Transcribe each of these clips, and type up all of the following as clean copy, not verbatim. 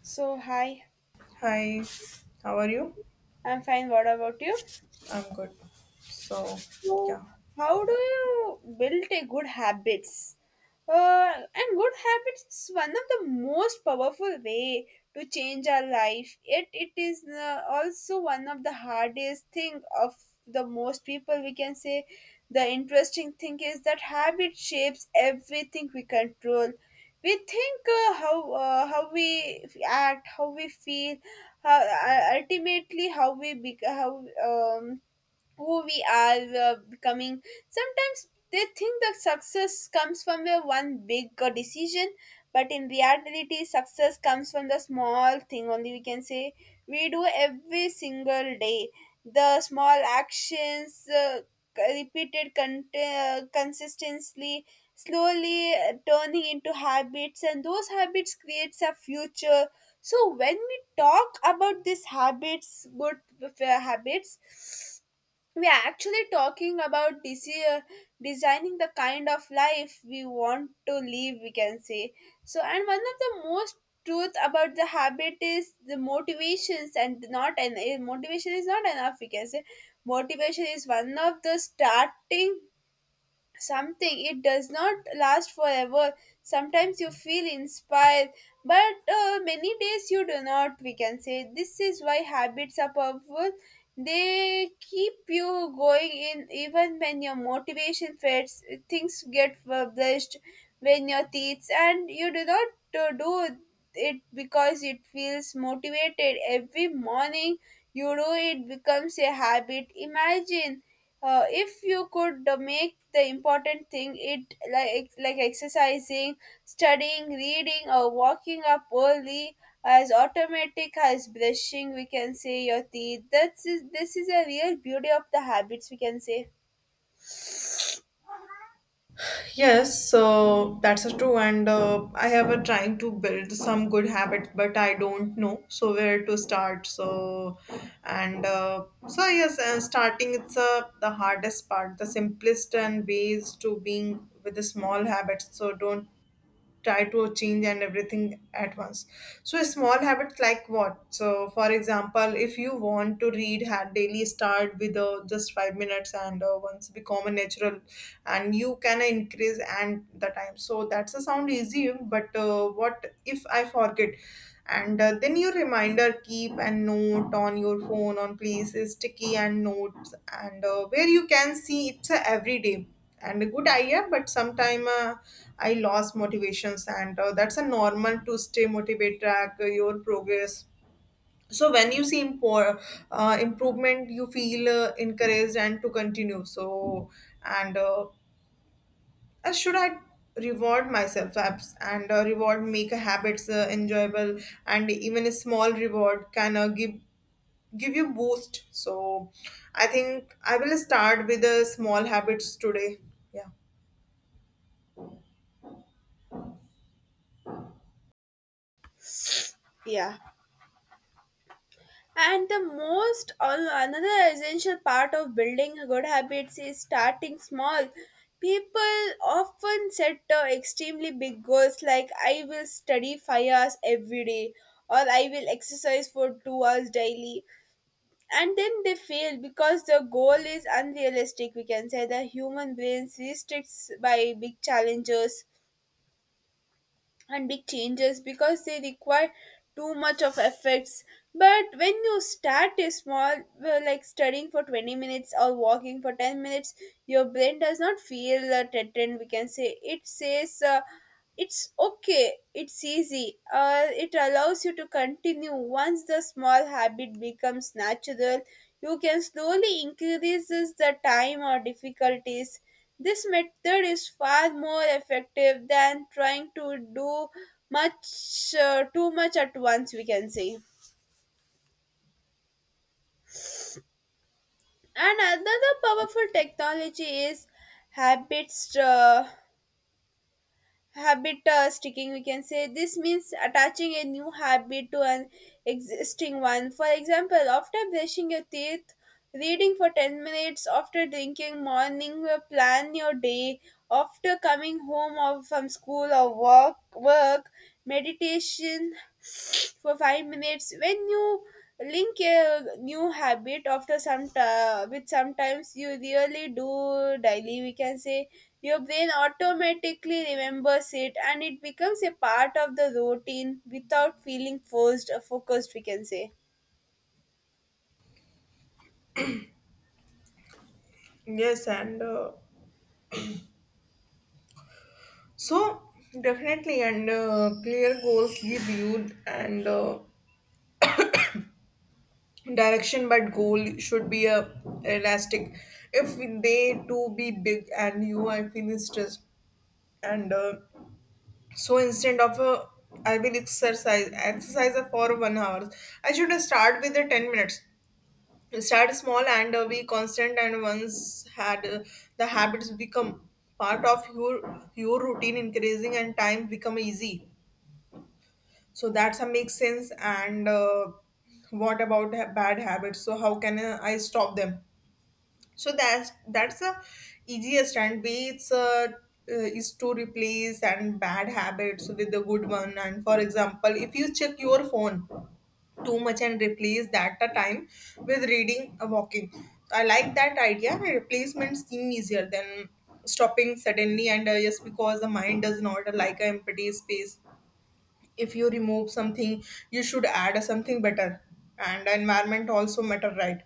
So, hi, Hi, how are you? I'm fine. What about you? I'm good. So, So, yeah. how do you build a good habits? And good habits is one of the most powerful way to change our life. Yet it is also one of the hardest thing of the most people. We can say the interesting thing is that habit shapes everything we control. We think how we act, how we feel, ultimately how who we are becoming. Sometimes they think that success comes from a one big decision, but in reality, success comes from the small thing only. We can say we do every single day. The small actions repeated consistently, slowly turning into habits, and those habits creates a future. So when we talk about these habits, good habits, we are actually talking about designing the kind of life we want to live, we can say. So, and one of the most truth about the habit is the motivations, and motivation is not enough, we can say. Motivation is one of the starting something, it does not last forever. Sometimes you feel inspired, but many days you do not, we can say. This is why habits are powerful, they keep you going in even when your motivation fades. Things get published when your teeth and you do not do it because it feels motivated every morning. You do it, becomes a habit. Imagine if you could make the important thing it like exercising, studying, reading, or walking up early as automatic as brushing, we can say, your teeth. This is a real beauty of the habits, we can say. Yes, so that's a true, and I have a trying to build some good habits, but I don't know so where to start. So yes, starting it's the hardest part, the simplest and ways to being with the small habits. So don't try to change and everything at once. So small habits like what? So for example, if you want to read daily, start with just 5 minutes, and once become a natural, and you can increase and the time. So that's a sound easy, but what if I forget? And then your reminder, keep a note on your phone, on places sticky and notes, and where you can see it's a everyday. And a good idea, but sometime I lost motivations, and that's a normal. To stay motivated, track your progress. So when you see improvement, you feel encouraged and to continue. So and Should I reward myself apps? And reward make habits enjoyable, and even a small reward can give you boost. So I think I will start with the small habits today. Yeah. Yeah. And the another essential part of building good habits is starting small. People often set extremely big goals like I will study 5 hours every day or I will exercise for 2 hours daily, and then they fail because the goal is unrealistic, we can say. The human brain restricts by big challenges and big changes because they require too much of efforts. But when you start a small, like studying for 20 minutes or walking for 10 minutes, your brain does not feel threatened, we can say. It says it's okay, it's easy. It allows you to continue. Once the small habit becomes natural, you can slowly increase the time or difficulties. This method is far more effective than trying to do much too much at once, we can say. And another powerful technology is habits. Habit sticking, we can say. This means attaching a new habit to an existing one. For example, after brushing your teeth, reading for 10 minutes; after drinking morning, plan your day; after coming home or from school or work, meditation for 5 minutes. When you link a new habit after some time with sometimes you really do daily, we can say, your brain automatically remembers it and it becomes a part of the routine without feeling forced or focused, we can say. Yes, and so definitely. And clear goals give you and direction, but goal should be a elastic if they too be big and you are feeling stressed. And So instead of I will exercise for 1 hour. I should start with the 10 minutes. Start small and be constant. And once had the habits become part of your routine, increasing and time become easy. So that's a makes sense. And what about bad habits? So how can I stop them? So that's the easiest and way. It's Is to replace and bad habits with the good one. And for example, if you check your phone too much, and replace that a time with reading or walking. So I like that idea. The replacement seem easier than stopping suddenly, and just because the mind does not like an empty space. If you remove something, you should add something better. And environment also matter, right?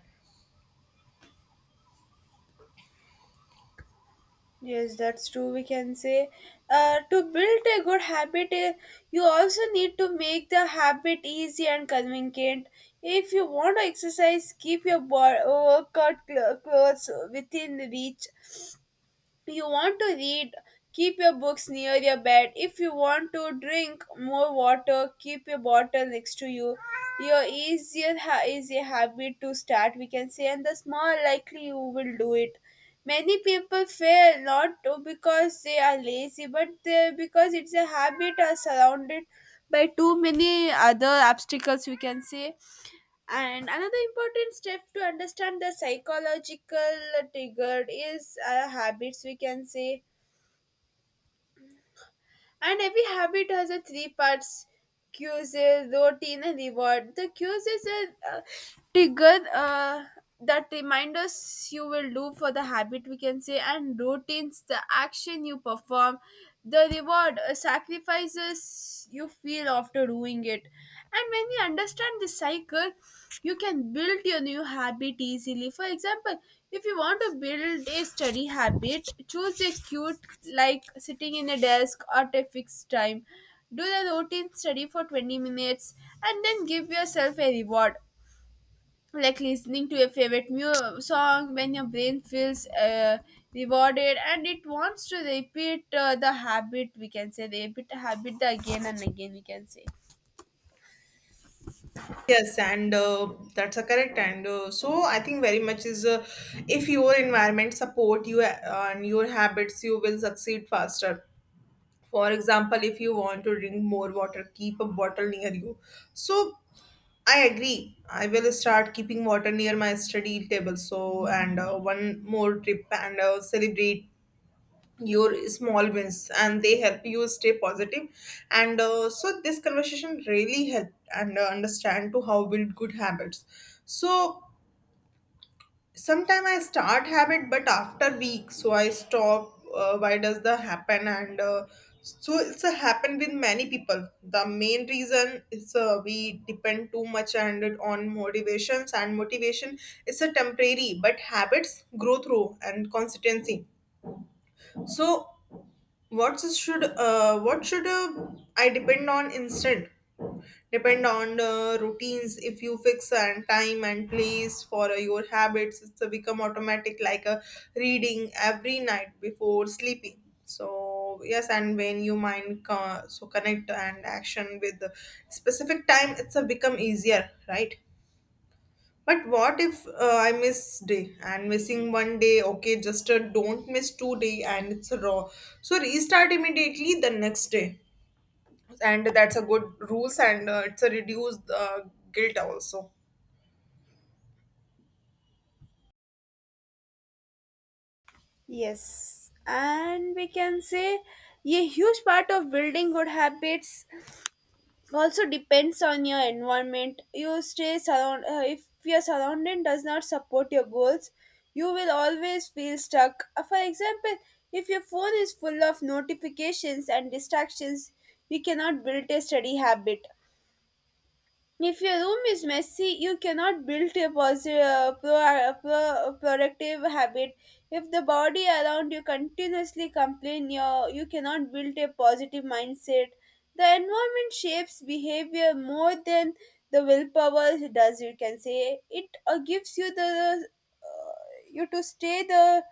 Yes, that's true. We can say, to build a good habit, you also need to make the habit easy and convenient. If you want to exercise, keep your workout clothes within reach. You want to read, keep your books near your bed. If you want to drink more water, keep your bottle next to you. Your easier is a habit to start, we can say, and the small likely you will do it. Many people fail not because they are lazy, but because it's a habit are surrounded by too many other obstacles, we can say. And another important step to understand the psychological trigger is habits, we can say. And every habit has a three parts: cues, routine, and reward. The cues is a trigger that remind us you will do for the habit, we can say, and routines, the action you perform, the reward, sacrifices you feel after doing it. And when you understand the cycle, you can build your new habit easily. For example, if you want to build a study habit, choose a cute like sitting in a desk at a fixed time. Do the routine, study for 20 minutes, and then give yourself a reward, like listening to a favorite song. When your brain feels rewarded, and it wants to repeat the habit, we can say, repeat the habit again and again, we can say. Yes, and that's a correct. And so I think very much is if your environment support you and your habits, you will succeed faster. For example, if you want to drink more water, keep a bottle near you. So I agree. I will start keeping water near my study table. So and one more trip, and celebrate your small wins and they help you stay positive. And so this conversation really helped, and understand to how build good habits. So sometime I start habit but after week so I stop. Why does that happen? And so it's a happen with many people. The main reason is we depend too much and it on motivations, and motivation is a temporary, but habits grow through and consistency. So what should I depend on instead? Depend on routines. If you fix and time and place for your habits, it's become automatic, like a reading every night before sleeping. So yes, and when you mind so connect and action with the specific time, it's a become easier, right? But what if I miss day and missing one day? Okay, just don't miss two day and it's a raw. So restart immediately the next day, and that's a good rules, and it's a reduced guilt also. Yes, and we can say a huge part of building good habits also depends on your environment you stay surround. Uh, if your surrounding does not support your goals, you will always feel stuck. For example, if your phone is full of notifications and distractions, you cannot build a steady habit. If your room is messy, you cannot build a positive, productive habit. If the body around you continuously complain, you cannot build a positive mindset. The environment shapes behavior more than the willpower does. You can say it gives you the, you to stay the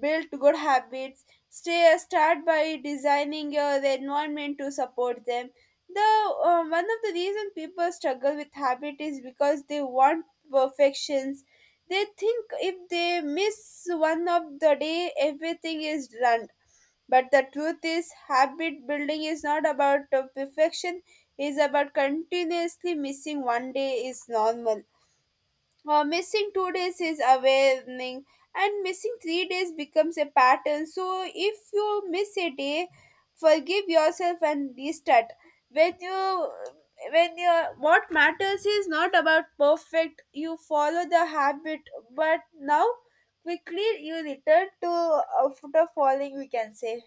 build good habits. Stay, start by designing your environment to support them. The, one of the reason people struggle with habit is because they want perfections. They think if they miss one of the day, everything is done. But the truth is, habit building is not about perfection. Is about continuously missing one day is normal, missing 2 days is awakening, and missing 3 days becomes a pattern. So if you miss a day, forgive yourself and restart. When you when you what matters is not about perfect you follow the habit, but now quickly you return to, after falling, we can say.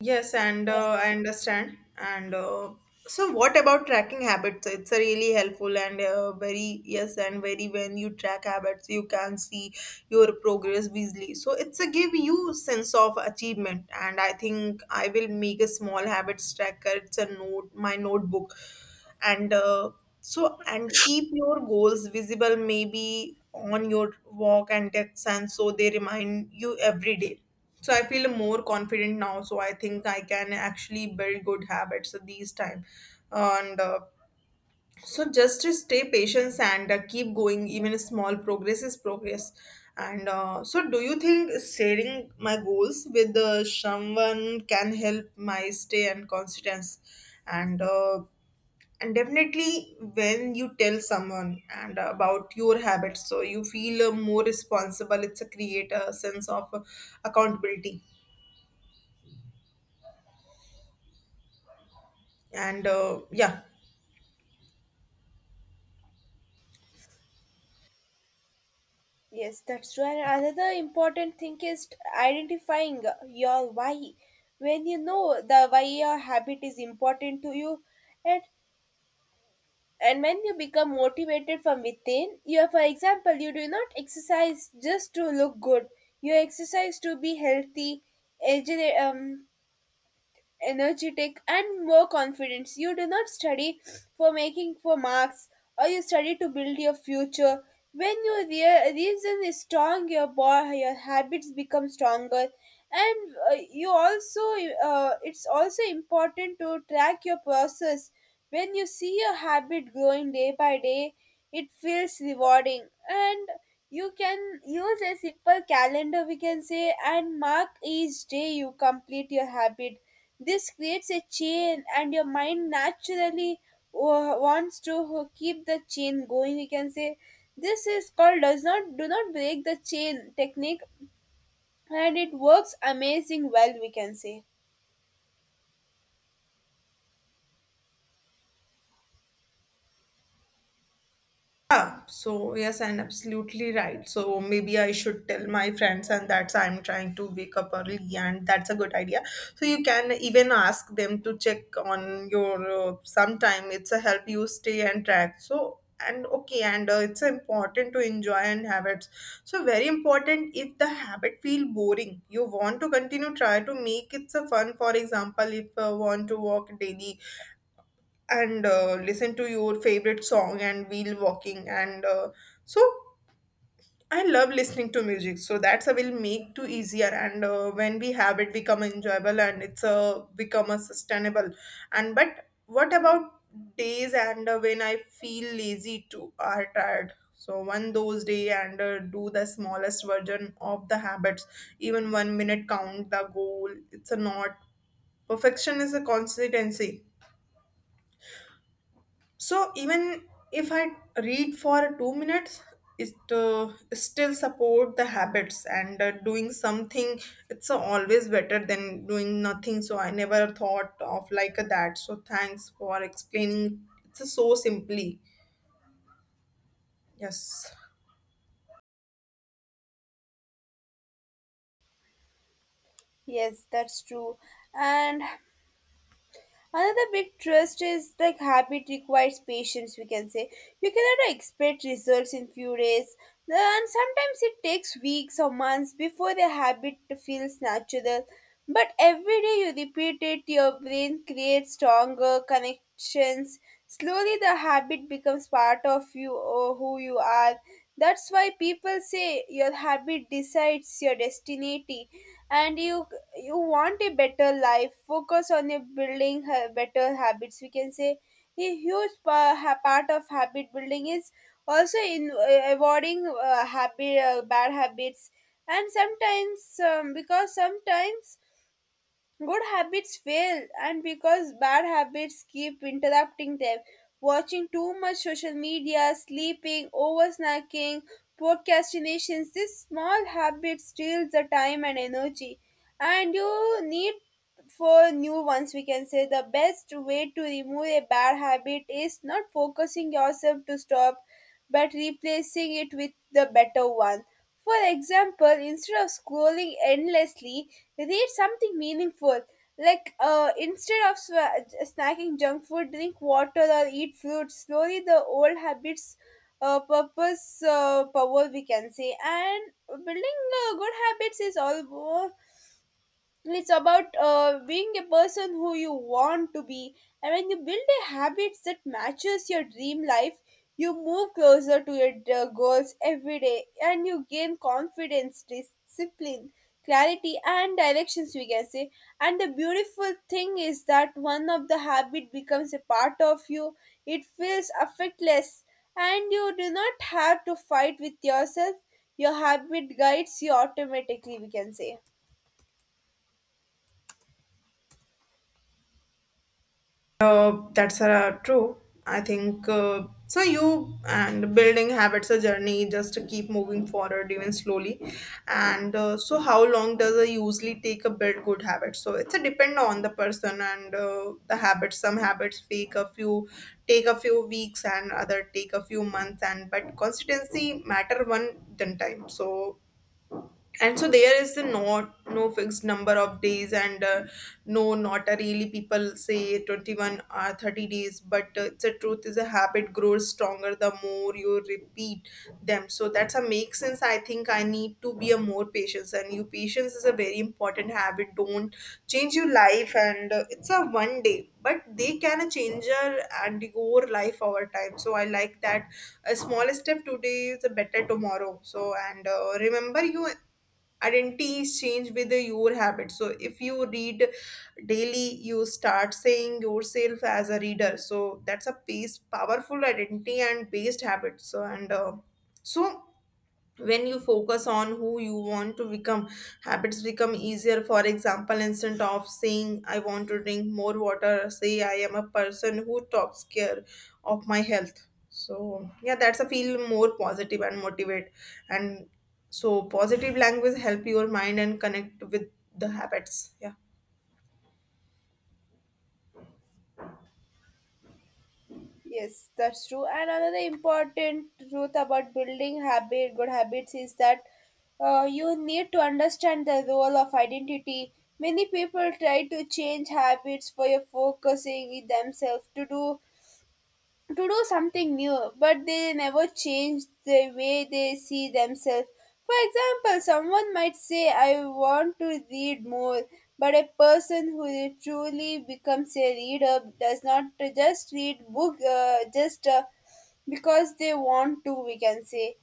Yes, and I understand. And so what about tracking habits? It's a really helpful, and very yes, and very when you track habits, you can see your progress easily. So it's a give you sense of achievement. And I think I will make a small habits tracker. It's a note, my notebook, and so and keep your goals visible, maybe on your walk and text and so they remind you every day. So I feel more confident now, so I think I can actually build good habits at these time. And so just to stay patient and keep going, even a small progress is progress. And so do you think sharing my goals with someone can help my stay and constance? And and definitely when you tell someone and about your habits, so you feel more responsible. It's a create a sense of accountability. And yeah. Yes, that's true. And another important thing is identifying your why. When you know the why your habit is important to you, and and when you become motivated from within, you are, for example, you do not exercise just to look good. You exercise to be healthy, agile, energetic, and more confidence. You do not study for making for marks, or you study to build your future. When your reason is strong, your your habits become stronger. And you also, it's also important to track your process. When you see your habit growing day by day, it feels rewarding, and you can use a simple calendar, we can say, and mark each day you complete your habit. This creates a chain, and your mind naturally wants to keep the chain going, we can say. This is called does not do not break the chain technique, and it works amazing well, we can say. Yeah, so yes, and absolutely right. So maybe I should tell my friends, and that's I'm trying to wake up early, and that's a good idea. So you can even ask them to check on your sometime. It's a help you stay and track. So and okay, and it's important to enjoy and habits. So very important. If the habit feel boring, you want to continue. Try to make it a fun. For example, if want to walk daily and listen to your favorite song and wheel walking. And so I love listening to music, so that's a will make to easier. And when we have it become enjoyable, and it's a become a sustainable. And but what about days and when I feel lazy too or tired? So one those day, and do the smallest version of the habits. Even 1 minute count the goal. It's a not perfection, is a consistency. So even if I read for 2 minutes, it still support the habits, and doing something. It's always better than doing nothing. So I never thought of like that. So thanks for explaining. It's so simply. Yes. Yes, that's true. And another big trust is like habit requires patience, we can say. You cannot expect results in few days. And sometimes it takes weeks or months before the habit feels natural. But every day you repeat it, your brain creates stronger connections. Slowly the habit becomes part of you or who you are. That's why people say your habit decides your destiny. And you want a better life, focus on your building better habits, we can say. A huge part of habit building is also in, avoiding habit bad habits. And sometimes, because sometimes good habits fail, and because bad habits keep interrupting them. Watching too much social media, sleeping, over snacking, procrastinations, these small habits steals the time and energy. And you need for new ones, we can say. The best way to remove a bad habit is not focusing yourself to stop, but replacing it with the better one. For example, instead of scrolling endlessly, read something meaningful. Like instead of snacking junk food, drink water or eat fruits. Slowly, the old habits, purpose, power, we can say. And building good habits is all it's about being a person who you want to be. And when you build a habits that matches your dream life, you move closer to your goals every day, and you gain confidence, discipline, clarity, and directions, we can say. And the beautiful thing is that one of the habit becomes a part of you, it feels affectless, and you do not have to fight with yourself, your habit guides you automatically, we can say. That's true. I think You and building habits a journey, just to keep moving forward, even slowly. And so how long does it usually take a build good habits? So it's a depend on the person and the habits. Some habits take a few weeks, and other take a few months. And but consistency matter one then time. So and so there is the no fixed number of days, and no not a really. People say 21 or 30 days, but the truth is a habit grows stronger the more you repeat them. So that's a make sense. I think I need to be a more patience, and you patience is a very important habit. Don't change your life, and it's a one day, but they can a changer and your life over time. So I like that. A small step today is a better tomorrow. So and remember, you identity is changed with your habit. So if you read daily, you start saying yourself as a reader. So that's a piece powerful identity and based habit. So and so when you focus on who you want to become, habits become easier. For example, instead of saying I want to drink more water, say I am a person who takes care of my health. So yeah, that's a feel more positive and motivate. And so positive language help your mind and connect with the habits. Yeah. Yes, that's true. And another important truth about building habit, good habits, is that you need to understand the role of identity. Many people try to change habits for your focusing in themselves to do something new, but they never change the way they see themselves. For example, someone might say, I want to read more, but a person who truly becomes a reader does not just read book just because they want to, we can say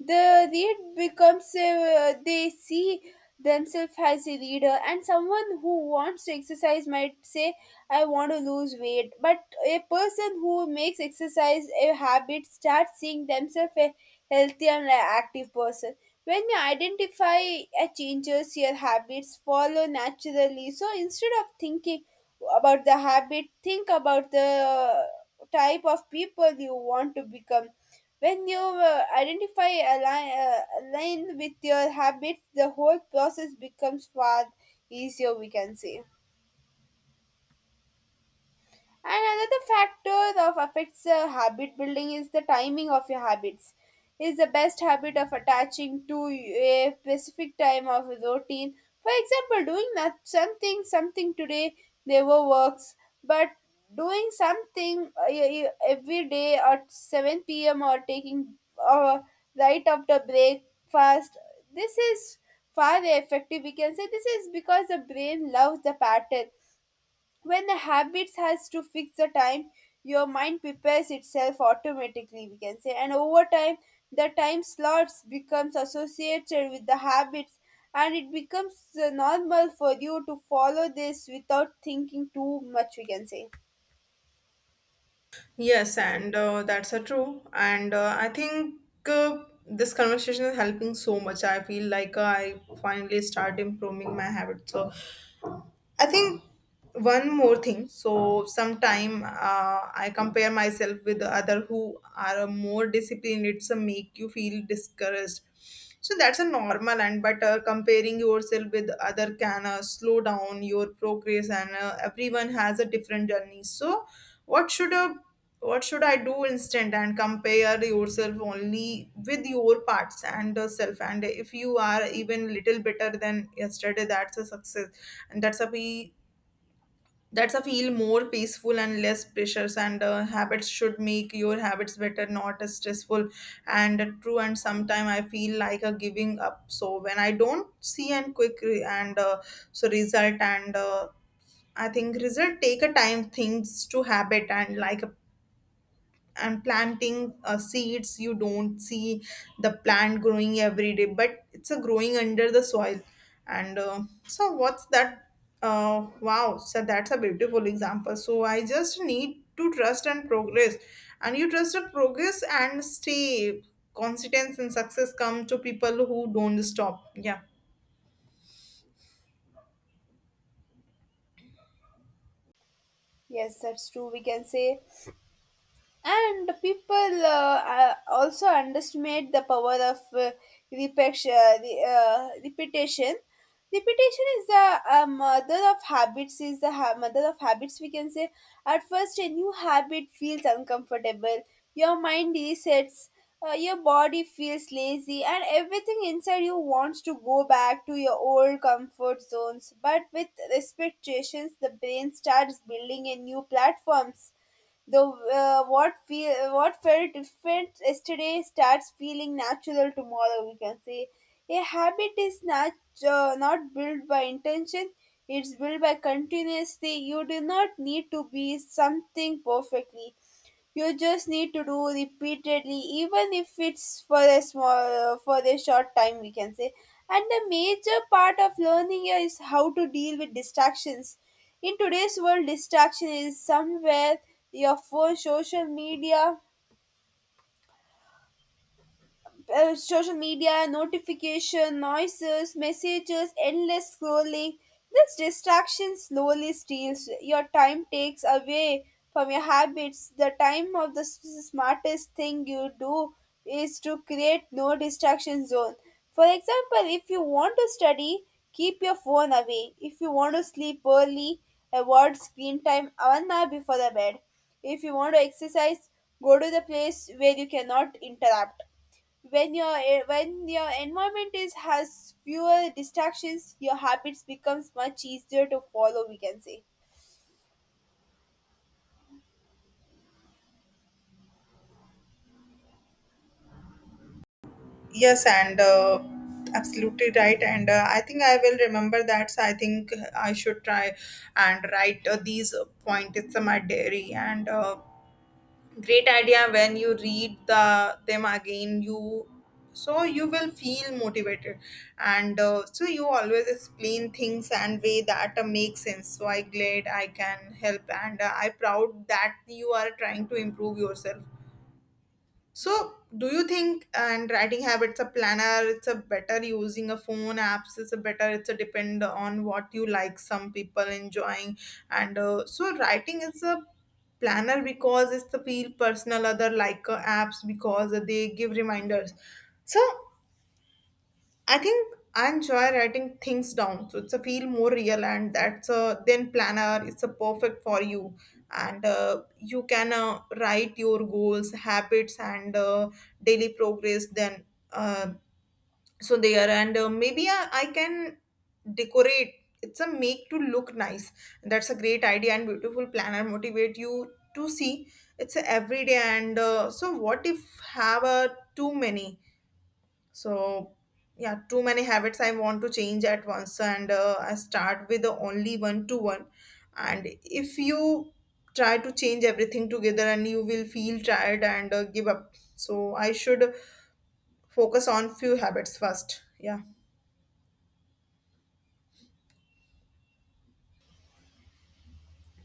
the read becomes a, they see themselves as a reader. And someone who wants to exercise might say, I want to lose weight, but a person who makes exercise a habit starts seeing themselves a healthy and active person. When you identify changes, your habits follow naturally. So instead of thinking about the habit, think about the type of people you want to become. When you identify align, align with your habits, the whole process becomes far easier, we can say. And another factor of affects habit building is the timing of your habits. Is the best habit of attaching to a specific time of a routine. For example, doing not something today never works, but doing something every day at 7 p.m. or taking uh, right after breakfast. This is far effective. We can say this is because the brain loves the pattern. When the habits has to fix the time, your mind prepares itself automatically, we can say. And over time, the time slots becomes associated with the habits, and it becomes normal for you to follow this without thinking too much, we can say. Yes, and that's a true. And I think this conversation is helping so much. I feel like I finally start improving my habits. So I think one more thing. So sometime I compare myself with the other who are more disciplined. It's a make you feel discouraged. So that's a normal. And but comparing yourself with other can slow down your progress, and everyone has a different journey. So what should a what should I do instead? And compare yourself only with your parts and self, and if you are even little better than yesterday, that's a success. And that's a we That's a feel more peaceful and less pressures, and habits should make your habits better, not as stressful. And true. And sometimes I feel like a giving up, so when I don't see and quick re- and so result. And I think result take a time things to habit, and like and planting seeds. You don't see the plant growing every day, but it's a growing under the soil. And so what's that? Wow, so that's a beautiful example. So I just need to trust and progress. And you trust and progress and stay confidence, and success come to people who don't stop. Yeah. Yes, that's true, we can say. And people also underestimate the power of repetition. Repetition. Repetition is the mother of habits. Is the mother of habits. We can say at first a new habit feels uncomfortable. Your mind resets. Your body feels lazy, and everything inside you wants to go back to your old comfort zones. But with expectations, the brain starts building a new platforms. Though what felt different yesterday starts feeling natural tomorrow. We can say a habit is not built by intention. It's built by continuously. You do not need to be something perfectly. You just need to do repeatedly, even if it's for a small, for a short time, we can say. And the major part of learning here is how to deal with distractions. In today's world, distraction is somewhere: your phone, social media, notification, noises, messages, endless scrolling. This distraction slowly steals your time, takes away from your habits. The time of smartest thing you do is to create no distraction zone. For example, if you want to study, keep your phone away. If you want to sleep early, avoid screen time 1 hour before the bed. If you want to exercise, go to the place where you cannot interrupt. When when your environment is has fewer distractions, your habits becomes much easier to follow, we can say. Yes, and absolutely right. And I think I will remember that. So I think I should try and write these pointers in my diary. And great idea. When you read them again, you so you will feel motivated. And so you always explain things and way that make sense. So I glad I can help, and I proud that you are trying to improve yourself. So, do you think and writing habits a planner? It's a better using a phone apps. It's a better. It's a depend on what you like. Some people enjoying and so writing is a planner because it's the feel personal. Other like apps because they give reminders. So I think I enjoy writing things down, so it's a feel more real, and that's a then planner. It's a perfect for you, and you can write your goals, habits, and daily progress. Then uh, so there, and maybe I can decorate. It's a make to look nice. That's a great idea, and beautiful planner. Motivate you to see. It's a everyday, and so what if have a too many? So, yeah, too many habits I want to change at once, and I start with the only one to one. And if you try to change everything together, and you will feel tired, and give up. So, I should focus on few habits first. Yeah.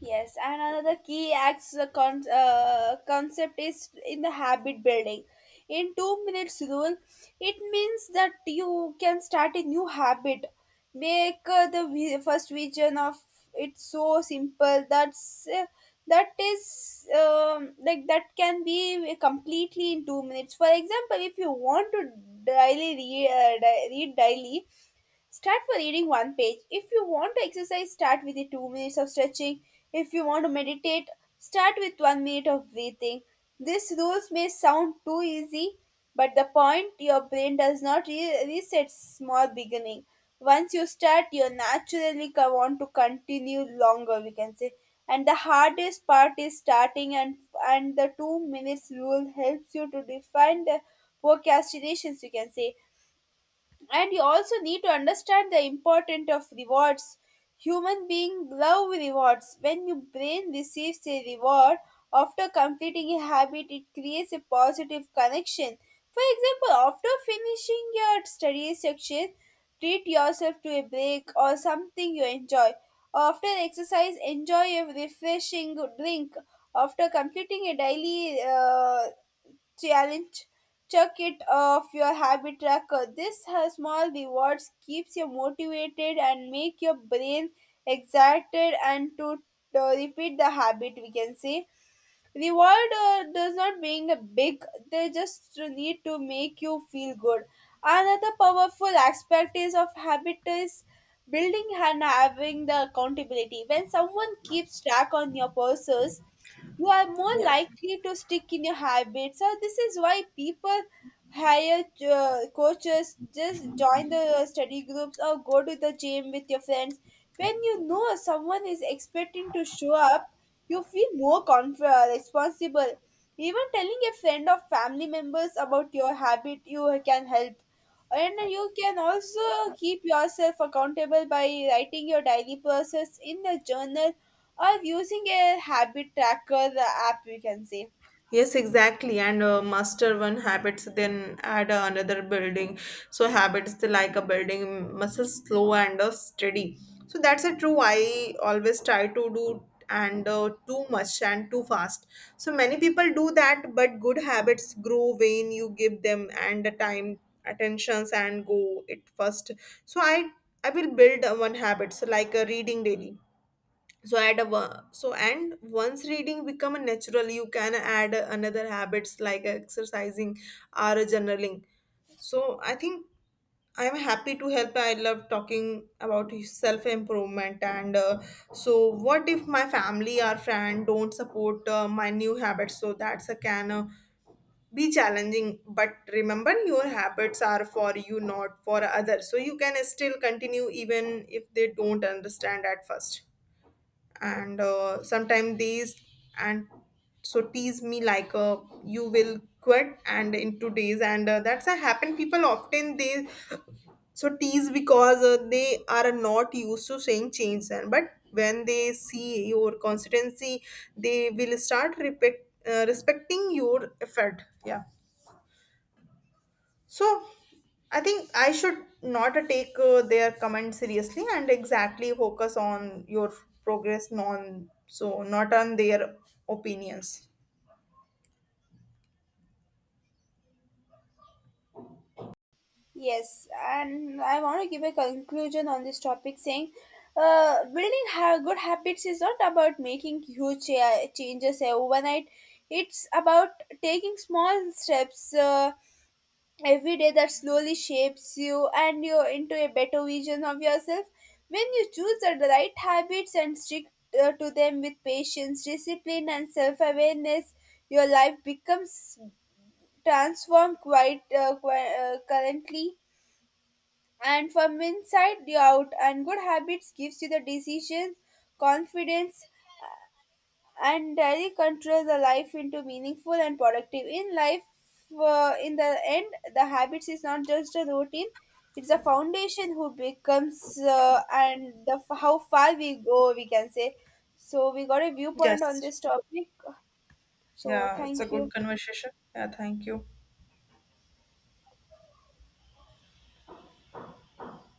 Yes, and another key acts concept is in the habit building. In 2 minutes rule, it means that you can start a new habit. Make first vision of it so simple that's that is like that can be completely in 2 minutes. For example, if you want to read daily, start by reading one page. If you want to exercise, start with the 2 minutes of stretching. If you want to meditate, start with 1 minute of breathing. These rules may sound too easy, but the point your brain does not reset small beginning. Once you start, you naturally want to continue longer, we can say. And the hardest part is starting, and the 2 minutes rule helps you to define the procrastinations, you can say. And you also need to understand the importance of rewards. Human beings love rewards. When your brain receives a reward after completing a habit, it creates a positive connection. For example, after finishing your study section, treat yourself to a break or something you enjoy. After exercise, enjoy a refreshing drink. After completing a daily challenge, check it off your habit tracker. This has small rewards, keeps you motivated and make your brain excited and to repeat the habit, we can say. The world does not being a big; they just need to make you feel good. Another powerful aspect is of habit is building and having the accountability. When someone keeps track on your purses, you are more Yeah. likely to stick in your habits. So this is why people hire coaches, just join the study groups or go to the gym with your friends. When you know someone is expecting to show up, you feel more responsible. Even telling a friend or family members about your habit, you can help. And you can also keep yourself accountable by writing your daily process in a journal or using a habit tracker app, you can say. Yes, exactly. And master one habits, then add another building. So habits, they like a building muscle, slow and steady. So that's a true. I always try to do and too much and too fast. So many people do that, but good habits grow when you give them and the time, attentions, and go it first. So I will build one habit, so like a reading daily. So add a so and once reading become a natural, you can add another habits like exercising or journaling. So I think I am happy to help. I love talking about self improvement. And so what if my family or friend don't support my new habits? So that's a can be challenging, but remember, your habits are for you, not for others, so you can still continue even if they don't understand at first. And sometimes these and so tease me like you will quit and in two days. And that's a happen. People often they so tease because they are not used to saying change. And but when they see your consistency, they will start respecting your effort. Yeah. So I think I should not take their comment seriously, and exactly focus on your progress, non so not on their opinions. Yes, and I want to give a conclusion on this topic saying good habits is not about making changes overnight, it's about taking small steps every day that slowly shapes you into a better vision of yourself. When you choose the right habits and stick to them with patience, discipline, and self awareness, your life becomes transformed currently and from inside you out. And good habits gives you the decisions, confidence and daily control the life into meaningful and productive in life. In the end, the habits is not just a routine, it's a foundation who becomes how far we go, we can say. So we got a viewpoint on Yes. this topic, so Yeah, it's a thank you. good conversation. Yeah, thank you.